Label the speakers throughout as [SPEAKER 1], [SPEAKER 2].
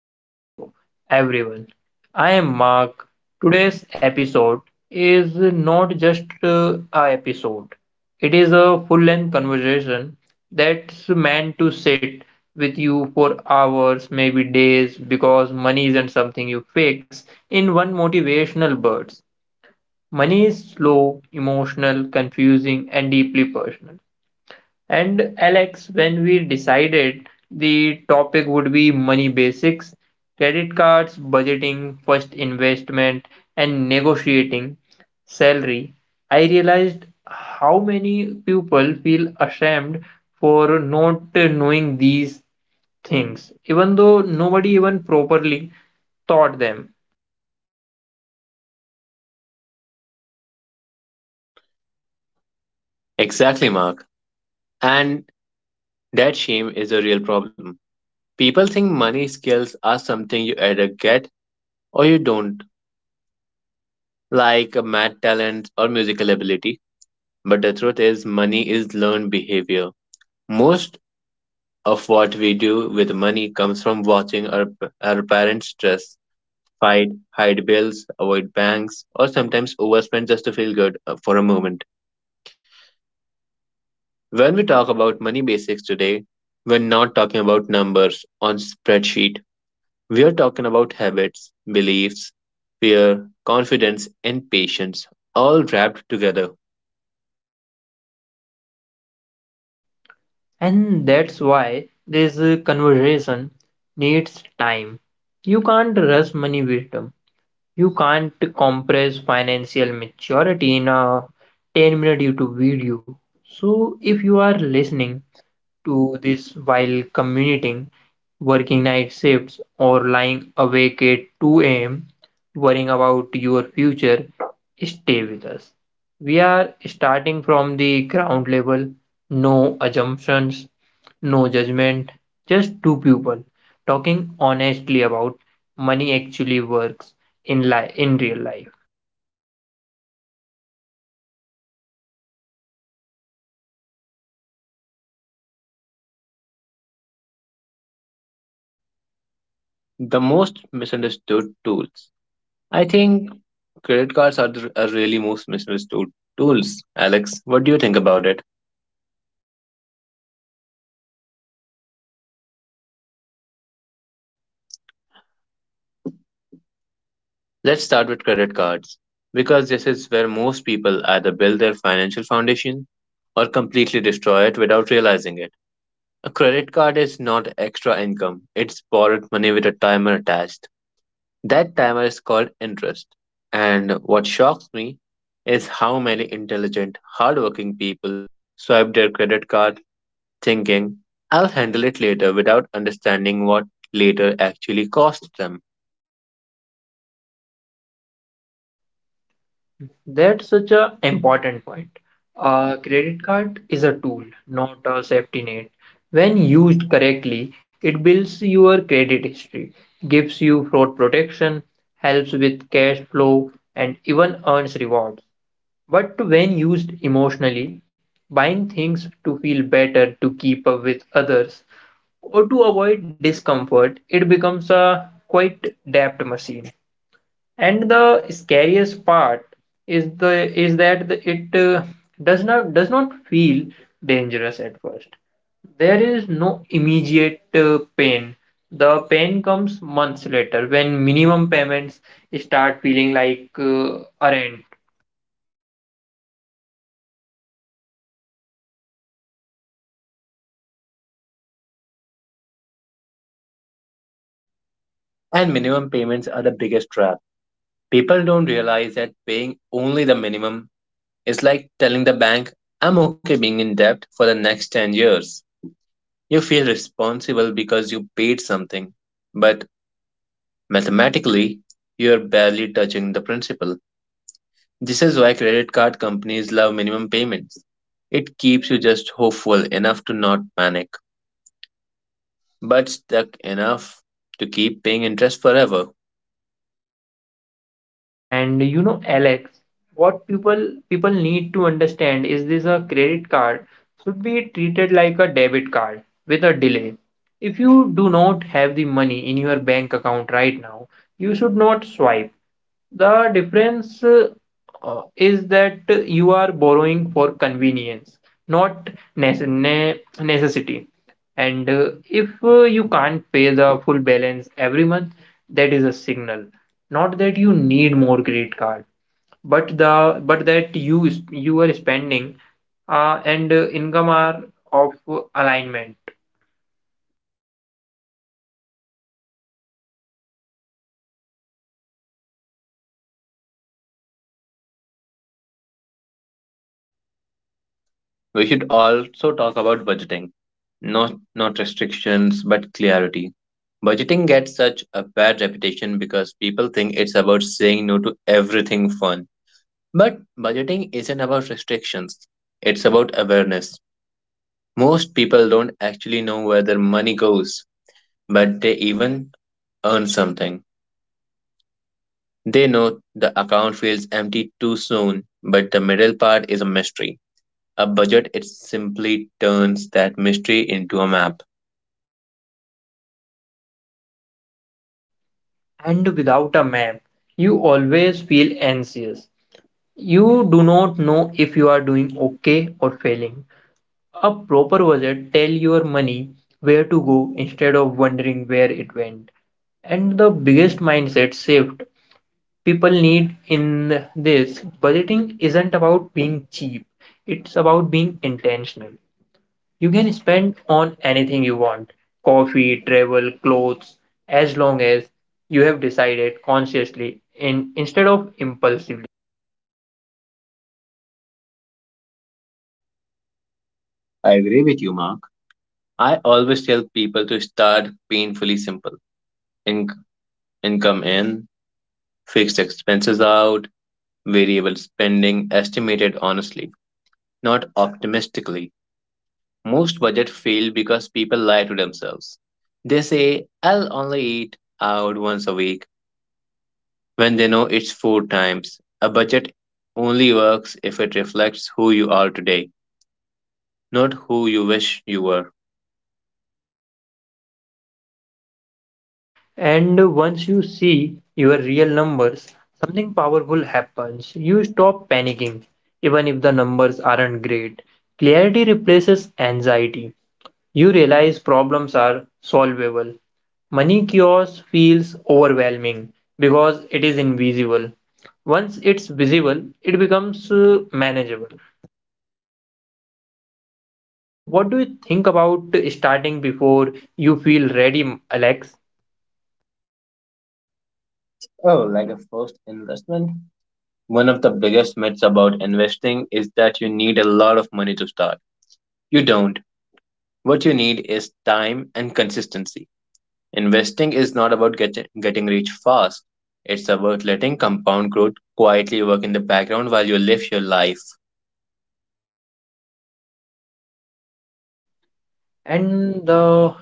[SPEAKER 1] back to the show, everyone. I am Mark. Today's episode is not just a episode. It is a full-length conversation that's meant to sit with you for hours, maybe days, because money isn't something you fix in one motivational burst. Money is slow, emotional, confusing, and deeply personal. And Alex, when we decided the topic would be money basics, credit cards, budgeting, first investment, and negotiating salary, I realized how many people feel ashamed for not knowing these things, even though nobody even properly taught them.
[SPEAKER 2] Exactly, Mark. And that shame is a real problem. People think money skills are something you either get or you don't, like a math talent or musical ability. But the truth is, money is learned behavior. Most of what we do with money comes from watching our parents stress, fight, hide bills, avoid banks, or sometimes overspend just to feel good for a moment. When we talk about money basics today, we're not talking about numbers on spreadsheet. We're talking about habits, beliefs, fear, confidence, and patience, all wrapped together.
[SPEAKER 1] And that's why this conversation needs time. You can't rush money wisdom. You can't compress financial maturity in a 10-minute YouTube video. So, if you are listening to this while commuting, working night shifts, or lying awake at 2 a.m., worrying about your future, stay with us. We are starting from the ground level, no assumptions, no judgment, just two people talking honestly about money actually works in real life.
[SPEAKER 2] The most misunderstood tools. I think credit cards are the are really most misunderstood tools. Alex, what do you think about it? Let's start with credit cards because this is where most people either build their financial foundation or completely destroy it without realizing it. A credit card is not extra income, it's borrowed money with a timer attached. That timer is called interest. And what shocks me is how many intelligent, hardworking people swipe their credit card thinking, I'll handle it later, without understanding what later actually costs them.
[SPEAKER 1] That's such a important point. A credit card is a tool, not a safety net. When used correctly, it builds your credit history, gives you fraud protection, helps with cash flow, and even earns rewards. But when used emotionally, buying things to feel better to keep up with others or to avoid discomfort, it becomes a quite deft machine. And the scariest part is that it does not feel dangerous at first. There is no immediate pain. The pain comes months later when minimum payments start feeling like a rent.
[SPEAKER 2] And minimum payments are the biggest trap. People don't realize that paying only the minimum is like telling the bank, I'm okay being in debt for the next 10 years. You feel responsible because you paid something, but mathematically, you're barely touching the principal. This is why credit card companies love minimum payments. It keeps you just hopeful enough to not panic, but stuck enough to keep paying interest forever.
[SPEAKER 1] And you know, Alex, what people need to understand is this a credit card should be treated like a debit card with a delay. If you do not have the money in your bank account right now, you should not swipe. The difference is that you are borrowing for convenience, not necessity. And if you can't pay the full balance every month, that is a signal. Not that you need more credit card, but the but that you is- you are spending and income are of alignment.
[SPEAKER 2] We should also talk about budgeting. Not restrictions, but clarity. Budgeting gets such a bad reputation because people think it's about saying no to everything fun. But budgeting isn't about restrictions. It's about awareness. Most people don't actually know where their money goes, but they even earn something. They know the account feels empty too soon, but the middle part is a mystery. A budget it simply turns that mystery into a map.
[SPEAKER 1] And without a map, you always feel anxious. You do not know if you are doing okay or failing. A proper budget tell your money where to go instead of wondering where it went. And the biggest mindset shift people need in this budgeting isn't about being cheap. It's about being intentional. You can spend on anything you want. Coffee, travel, clothes, as long as you have decided consciously in, instead of impulsively.
[SPEAKER 2] I agree with you, Mark. I always tell people to start painfully simple. In- Income in, fixed expenses out, variable spending estimated honestly, not optimistically. Most budgets fail because people lie to themselves. They say, I'll only eat out once a week when they know it's four times. A budget only works if it reflects who you are today, not who you wish you were.
[SPEAKER 1] And once you see your real numbers, something powerful happens. You stop panicking, even if the numbers aren't great. Clarity replaces anxiety. You realize problems are solvable. Money chaos feels overwhelming because it is invisible. Once it's visible, it becomes manageable. And what do you think about starting before you feel ready, Alex?
[SPEAKER 2] Oh, like a first investment? One of the biggest myths about investing is that you need a lot of money to start. You don't. What you need is time and consistency. Investing is not about getting rich fast, it's about letting compound growth quietly work in the background while you live your life.
[SPEAKER 1] And the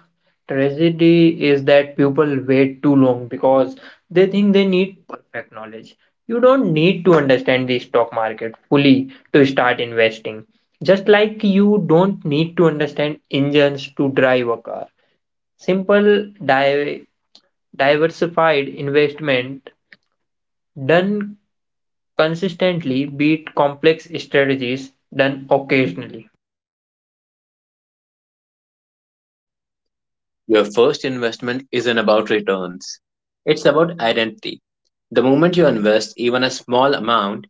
[SPEAKER 1] tragedy is that people wait too long because they think they need perfect knowledge. You don't need to understand the stock market fully to start investing. Just like you don't need to understand engines to drive a car. Simple diversified investment done consistently beat complex strategies done occasionally.
[SPEAKER 2] Your first investment isn't about returns, it's about identity. The moment you invest even a small amount,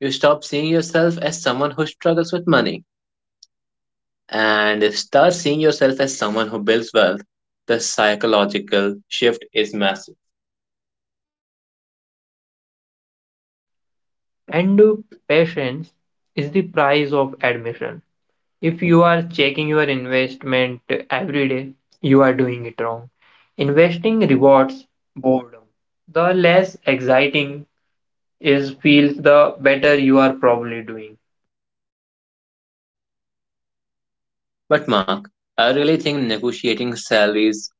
[SPEAKER 2] you stop seeing yourself as someone who struggles with money and start seeing yourself as someone who builds wealth. The psychological shift is massive.
[SPEAKER 1] And patience is the price of admission. If you are checking your investment every day, you are doing it wrong. Investing rewards boredom. The less exciting is feels, the better you are probably doing.
[SPEAKER 2] But, Mark, I really think negotiating salaries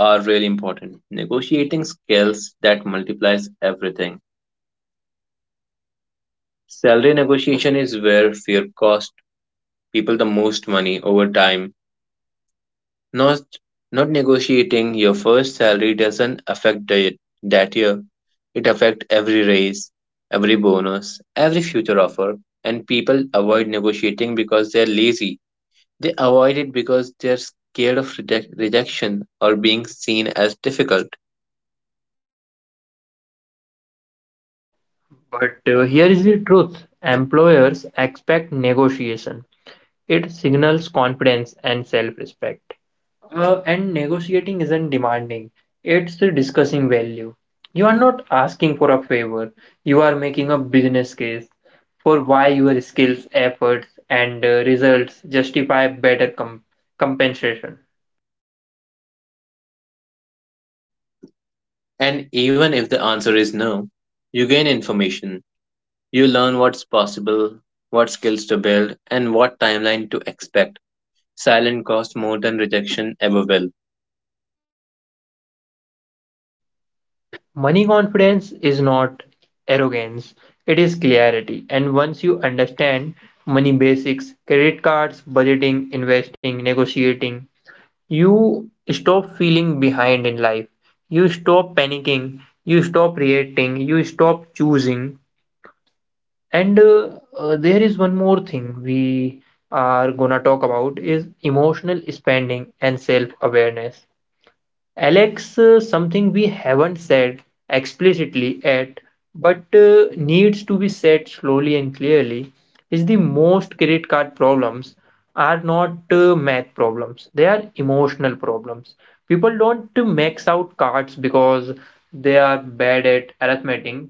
[SPEAKER 2] are really important. Negotiating skills that multiplies everything. Salary negotiation is where fear costs people the most money over time. Not not negotiating your first salary doesn't affect that year. It affects every raise, every bonus, every future offer. And people avoid negotiating because they're lazy. They avoid it because they're scared of rejection or being seen as difficult.
[SPEAKER 1] But here is the truth employers expect negotiation. It signals confidence and self-respect. And negotiating isn't demanding, it's discussing value. You are not asking for a favor, you are making a business case for why your skills, efforts, and results justify better compensation.
[SPEAKER 2] And even if the answer is no, you gain information. You learn what's possible, what skills to build, and what timeline to expect. Silent costs more than rejection ever will.
[SPEAKER 1] Money confidence is not arrogance, it is clarity. And once you understand money basics, credit cards, budgeting, investing, negotiating, you stop feeling behind in life. You stop panicking. You stop reacting. You stop choosing. And there is one more thing we are gonna talk about is emotional spending and self awareness. Alex, something we haven't said explicitly yet, but needs to be said slowly and clearly, is the most credit card problems are not math problems, they are emotional problems. People don't max out cards because they are bad at arithmetic,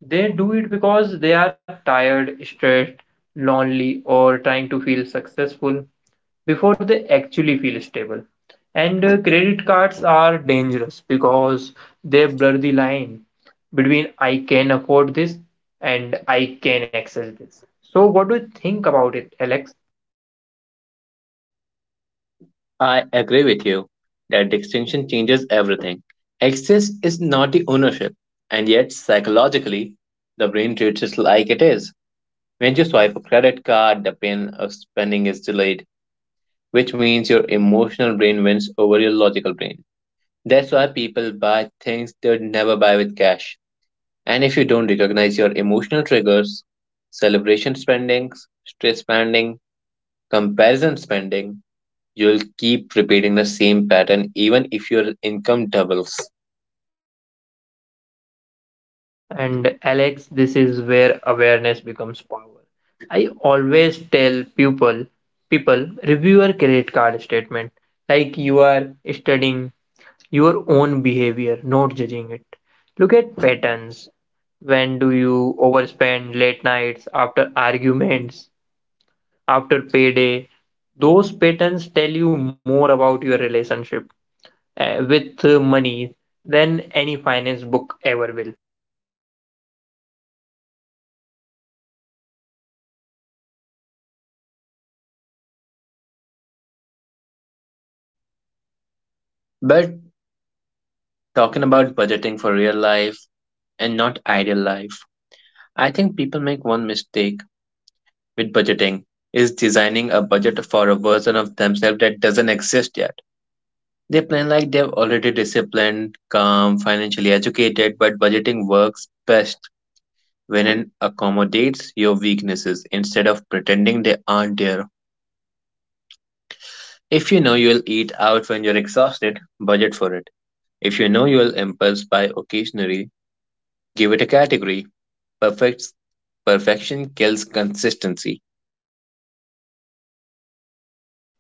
[SPEAKER 1] they do it because they are tired, stressed, lonely, or trying to feel successful before they actually feel stable. And credit cards are dangerous because they blur the line between I can afford this and I can access this. So, what do you think about it, Alex?
[SPEAKER 2] I agree with you. That distinction changes everything. Access is not the ownership, and yet psychologically, the brain treats it like it is. When you swipe a credit card, the pain of spending is delayed, which means your emotional brain wins over your logical brain. That's why people buy things they'd never buy with cash. And if you don't recognize your emotional triggers, celebration spendings, stress spending, comparison spending, you'll keep repeating the same pattern even if your income doubles.
[SPEAKER 1] And, Alex, this is where awareness becomes power. I always tell people, review your credit card statement like you are studying your own behavior, not judging it. Look at patterns. When do you overspend late nights after arguments, after payday? Those patterns tell you more about your relationship with money than any finance book ever will.
[SPEAKER 2] But talking about budgeting for real life and not ideal life, I think people make one mistake with budgeting is designing a budget for a version of themselves that doesn't exist yet. They plan like they're already disciplined, calm, financially educated, but budgeting works best when it accommodates your weaknesses instead of pretending they aren't there. If you know you'll eat out when you're exhausted, budget for it. If you know you'll impulse buy occasionally, give it a category. Perfect Perfection kills consistency.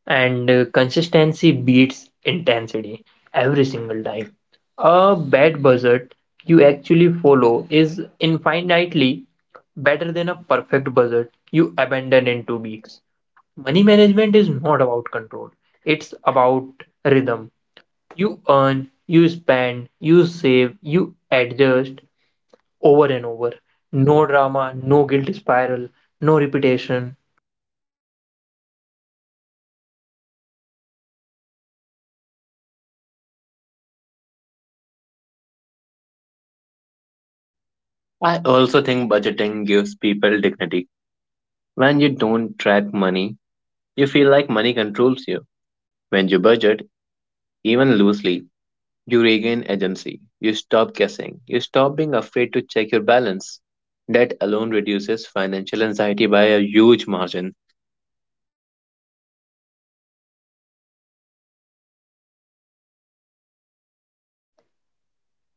[SPEAKER 1] And consistency beats intensity every single time. A bad budget you actually follow is infinitely better than a perfect budget you abandon in 2 weeks. Money management is not about control, it's about rhythm. You earn, you spend, you save, you adjust over and over. No drama, no guilt spiral, no repetition.
[SPEAKER 2] I also think budgeting gives people dignity. When you don't track money, you feel like money controls you. When you budget, even loosely, Duragan Agency. You stop guessing. You stop being afraid to check your balance. That alone reduces financial anxiety by a huge margin.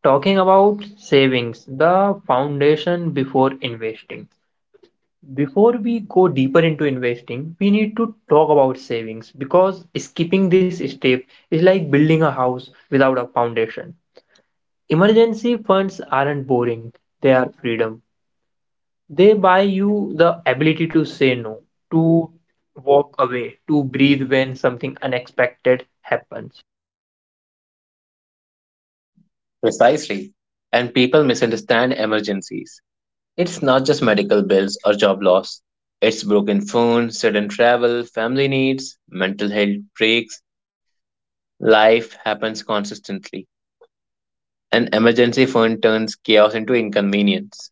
[SPEAKER 1] Talking about savings, the foundation before investing. Before we go deeper into investing, we need to talk about savings because skipping this step is like building a house without a foundation. Emergency funds aren't boring, they are freedom. They buy you the ability to say no, to walk away, to breathe when something unexpected happens.
[SPEAKER 2] Precisely. And people misunderstand emergencies. It's not just medical bills or job loss. It's broken phone, sudden travel, family needs, mental health breaks. Life happens consistently. An emergency fund turns chaos into inconvenience.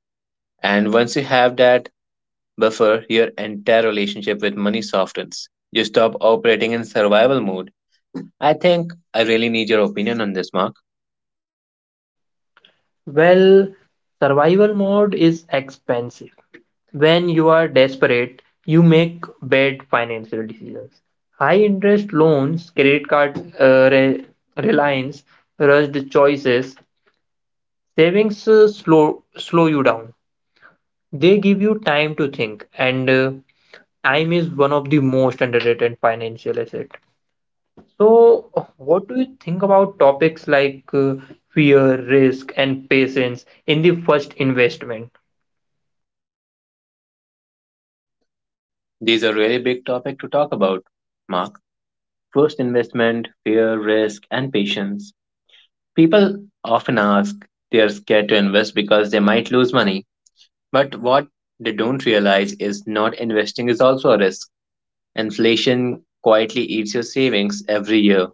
[SPEAKER 2] And once you have that, buffer your entire relationship with money softens, you stop operating in survival mode. I think I really need your opinion on this, Mark.
[SPEAKER 1] Well, survival mode is expensive. When you are desperate, you make bad financial decisions. High interest loans, credit card reliance, rushed choices, savings slow you down. They give you time to think, and time is one of the most underrated financial asset. So, what do you think about topics like fear, risk, and patience in the first investment?
[SPEAKER 2] These are really big topic to talk about, Mark. First investment, fear, risk, and patience. People often ask they are scared to invest because they might lose money. But what they don't realize is not investing is also a risk. Inflation quietly eats your savings every year.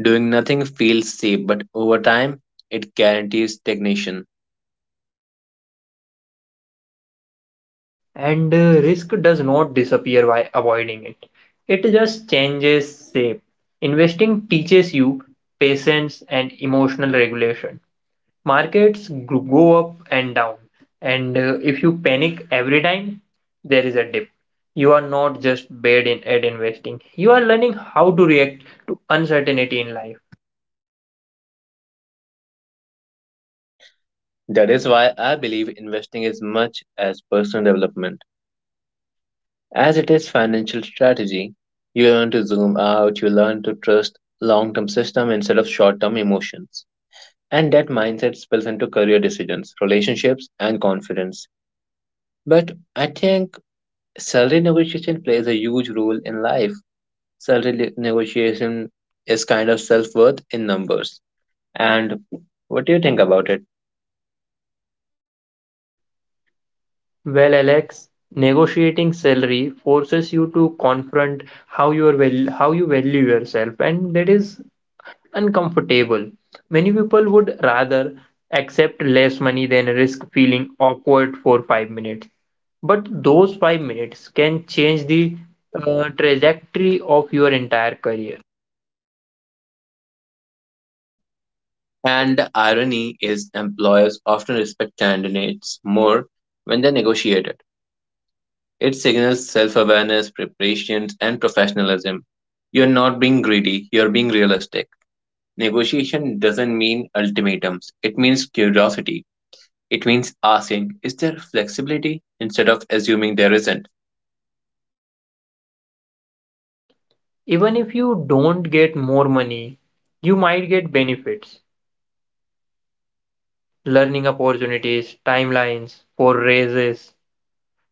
[SPEAKER 2] Doing nothing feels safe, but over time, it guarantees stagnation.
[SPEAKER 1] And risk does not disappear by avoiding it, it just changes shape. Investing teaches you patience and emotional regulation. Markets go up and down, and if you panic every time, there is a dip. You are not just bad in, at investing, you are learning how to react to uncertainty in life.
[SPEAKER 2] That is why I believe investing is much as personal development as it is financial strategy. You learn to zoom out, you learn to trust long-term system instead of short-term emotions. And that mindset spills into career decisions, relationships, and confidence. But I think salary negotiation plays a huge role in life. Negotiation is kind of self-worth in numbers. And what do you think about it?
[SPEAKER 1] Well, Alex, negotiating salary forces you to confront how you value yourself, and that is uncomfortable. Many people would rather accept less money than risk feeling awkward for 5 minutes. But those 5 minutes can change the trajectory of your entire career.
[SPEAKER 2] And the irony is employers often respect candidates more when they negotiate it. It signals self awareness, preparations, and professionalism. You're not being greedy, you're being realistic. Negotiation doesn't mean ultimatums, it means curiosity. It means asking, is there flexibility instead of assuming there isn't?
[SPEAKER 1] Even if you don't get more money, you might get benefits, learning opportunities, timelines for raises.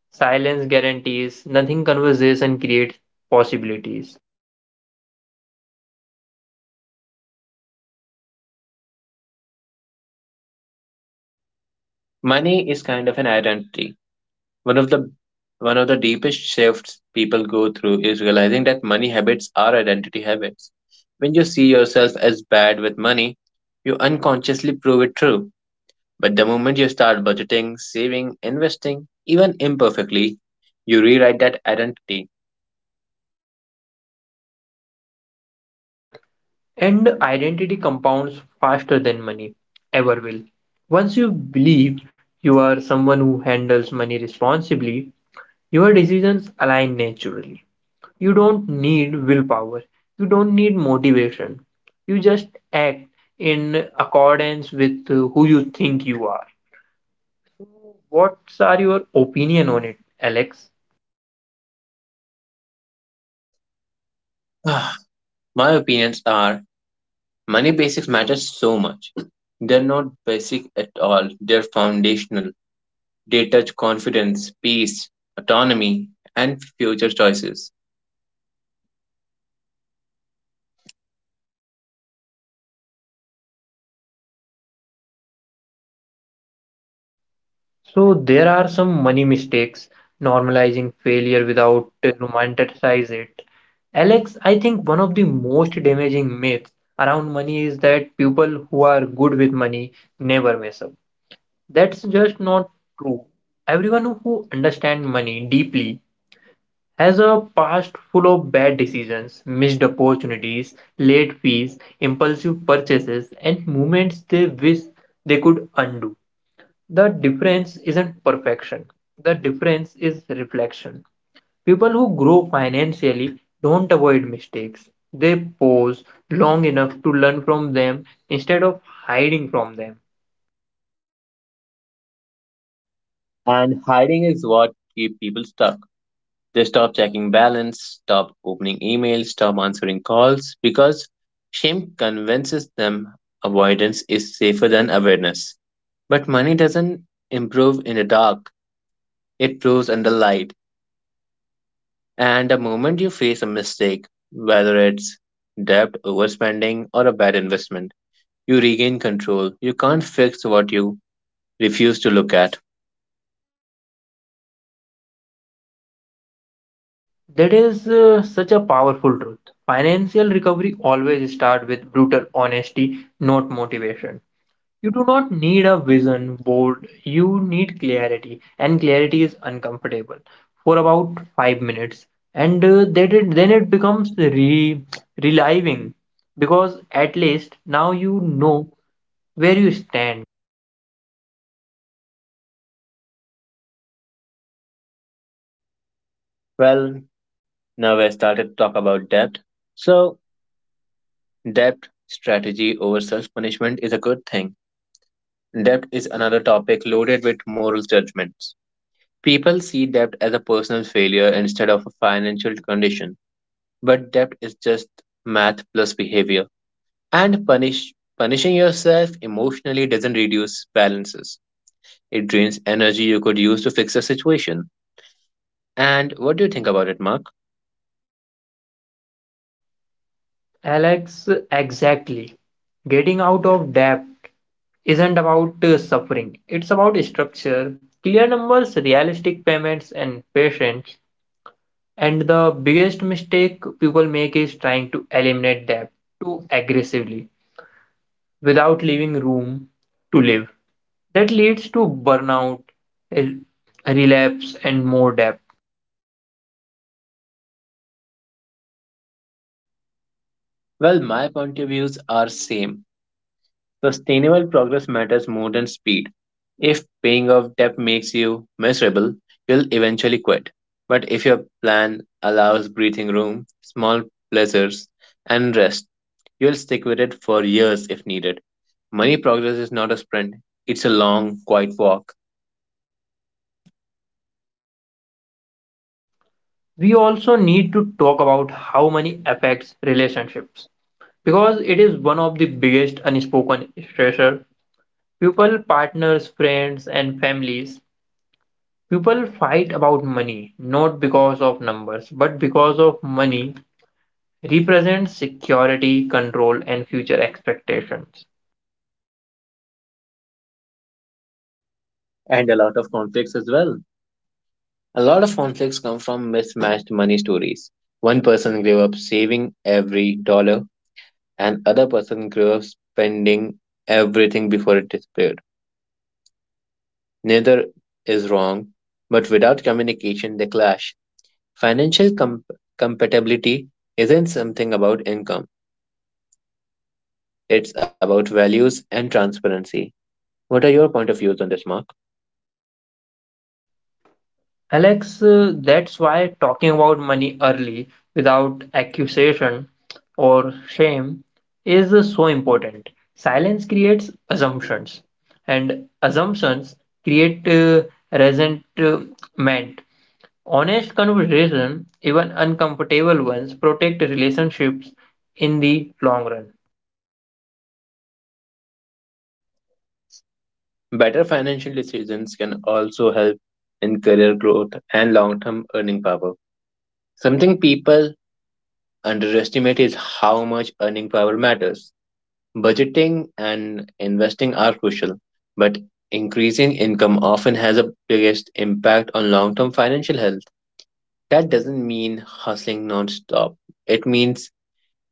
[SPEAKER 1] Silence guarantees, nothing conversation creates possibilities.
[SPEAKER 2] Money is kind of an identity. One of the one of the deepest shifts people go through is realizing that money habits are identity habits. When you see yourself as bad with money, you unconsciously prove it true. But the moment you start budgeting, saving, investing, even imperfectly, you rewrite that identity.
[SPEAKER 1] And identity compounds faster than money ever will. Once you believe you are someone who handles money responsibly, your decisions align naturally. You don't need willpower, you don't need motivation. You just act in accordance with who you think you are. So, what are your opinion on it, Alex?
[SPEAKER 2] Ah, my opinions are money basics matter so much. They're not basic at all, they're foundational. They touch confidence, peace, autonomy, and future choices.
[SPEAKER 1] So there are some money mistakes, normalizing failure without romanticize it. Alex, I think one of the most damaging myths around money is that people who are good with money never mess up. That's just not true. Everyone who understands money deeply has a past full of bad decisions, missed opportunities, late fees, impulsive purchases, and moments they wish they could undo. The difference isn't perfection. The difference is reflection. People who grow financially don't avoid mistakes. They pause long enough to learn from them instead of hiding from them.
[SPEAKER 2] And hiding is what keep people stuck. They stop checking balance, stop opening emails, stop answering calls because shame convinces them avoidance is safer than awareness. But money doesn't improve in the dark, it proves under light. And the moment you face a mistake, whether it's debt, overspending, or a bad investment, you regain control. You can't fix what you refuse to look at.
[SPEAKER 1] That is such a powerful truth. Financial recovery always starts with brutal honesty, not motivation. You do not need a vision board, you need clarity, and clarity is uncomfortable for about 5 minutes. And then it becomes re reliving because at least now you know where you stand.
[SPEAKER 2] Well, now I started to talk about debt. So debt strategy over self punishment is a good thing. Debt is another topic loaded with moral judgments. People see debt as a personal failure instead of a financial condition, but debt is just math plus behavior. And punishing yourself emotionally doesn't reduce balances, it drains energy you could use to fix a situation. And what do you think about it, Mark?
[SPEAKER 1] Alex, exactly. Getting out of debt isn't about suffering, it's about structure, clear numbers, realistic payments, and patience. And the biggest mistake people make is trying to eliminate debt too aggressively without leaving room to live. That leads to burnout, rel- relapse, and more debt.
[SPEAKER 2] Well, my point of views are same. Sustainable progress matters more than speed. If paying off debt makes you miserable, you'll eventually quit. But if your plan allows breathing room, small pleasures, and rest, you'll stick with it for years if needed. Money progress is not a sprint, it's a long, quiet walk,
[SPEAKER 1] We also need to talk about how money affects relationships because it is one of the biggest unspoken stressor. People, partners, friends, and families. People fight about money not because of numbers but because of money represents security, control, and future expectations.
[SPEAKER 2] and a lot of conflicts as well. A lot of conflicts come from mismatched money stories. One person grew up saving every dollar, and other person grew up spending everything before it disappeared. Neither is wrong, but without communication, they clash. Financial com- compatibility isn't something about income, it's about values and transparency. What are your point of views on this, Mark?
[SPEAKER 1] Alex, that's why talking about money early without accusation or shame is so important. Silence creates assumptions, and assumptions create resentment. Honest conversation, even uncomfortable ones, protect relationships in the long run.
[SPEAKER 2] Better financial decisions can also help in career growth and long term earning power. Something people underestimate is how much earning power matters. Budgeting and investing are crucial, but increasing income often has a biggest impact on long-term financial health. That doesn't mean hustling non-stop. It means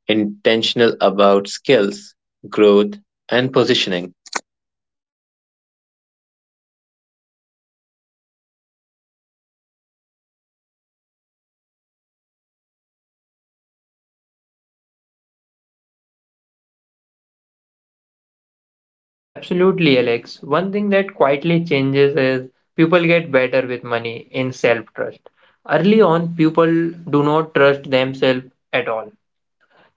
[SPEAKER 2] intentional about skills, growth, and positioning.
[SPEAKER 1] Absolutely, Alex. One thing that quietly changes is people get better with money in self trust. Early on, people do not trust themselves at all.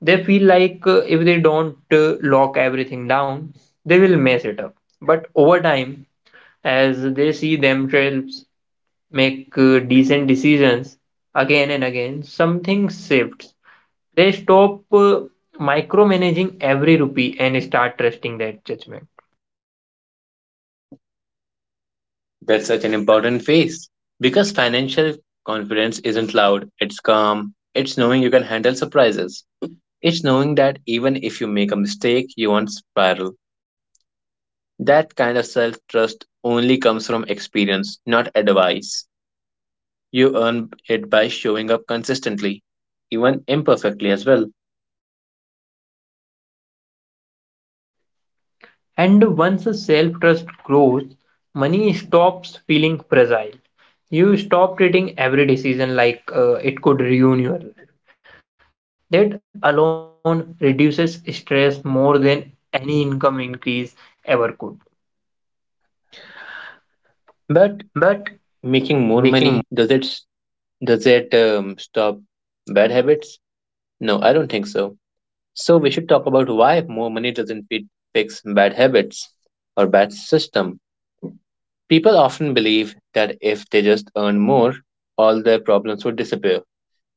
[SPEAKER 1] They feel like if they don't lock everything down, they will mess it up. But over time, as they see themselves make decent decisions again and again, something shifts. They stop micromanaging every rupee and start trusting that judgment.
[SPEAKER 2] That's such an important phase because financial confidence isn't loud, it's calm, it's knowing you can handle surprises. It's knowing that even if you make a mistake, you won't spiral. That kind of self trust only comes from experience, not advice. You earn it by showing up consistently, even imperfectly as well.
[SPEAKER 1] And once self trust grows, money stops feeling fragile. You stop treating every decision like it could ruin your life. That alone reduces stress more than any income increase ever could.
[SPEAKER 2] But making more money does it stop bad habits? No, I don't think so. So we should talk about why more money doesn't fit, fix bad habits or bad system. People often believe that if they just earn more, all their problems would disappear.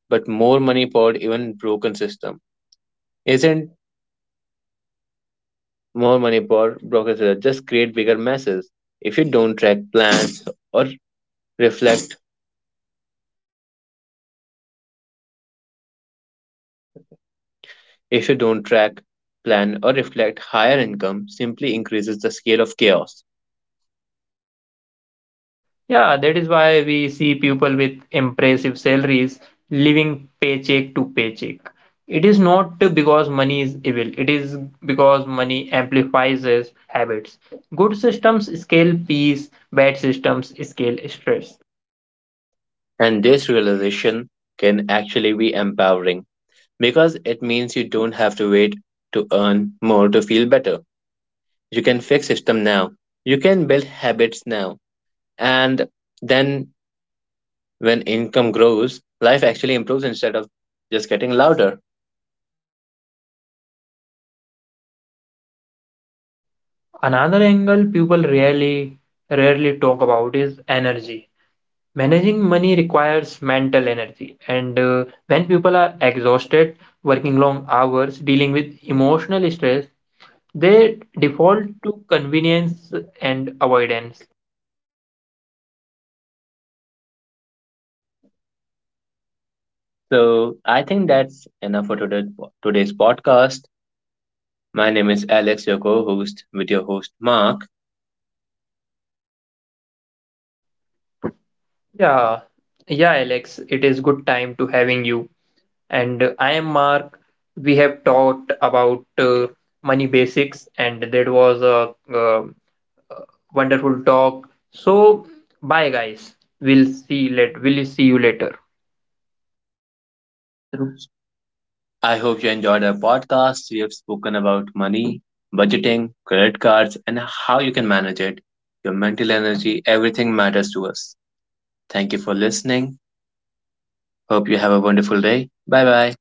[SPEAKER 2] But more money poured even broken system. Isn't more money for Brokers just create bigger messes? If you don't track, plan, or reflect, if you don't track, plan, or reflect, higher income simply increases the scale of chaos.
[SPEAKER 1] Yeah, that is why we see people with impressive salaries living paycheck to paycheck. It is not because money is evil, it is because money amplifies its habits. Good systems scale peace, bad systems scale stress.
[SPEAKER 2] And this realization can actually be empowering, because it means you don't have to wait to earn more to feel better. You can fix system now. You can build habits now. And then when income grows, life actually improves instead of just getting louder.
[SPEAKER 1] Another angle people rarely talk about is energy. Managing money requires mental energy, and when people are exhausted, working long hours, dealing with emotional stress, they default to convenience and avoidance.
[SPEAKER 2] So I think that's enough for today, today's podcast. My name is Alex, your co-host with your host Mark.
[SPEAKER 1] Yeah, yeah, Alex, it is good time to having you. And I am Mark. We have talked about money basics, and that was a wonderful talk. So, bye, guys. We'll see let. We'll see you later.
[SPEAKER 2] I hope you enjoyed our podcast. We have spoken about money, budgeting, credit cards, and how you can manage it. Your mental energy, everything matters to us. Thank you for listening. Hope you have a wonderful day. Bye bye.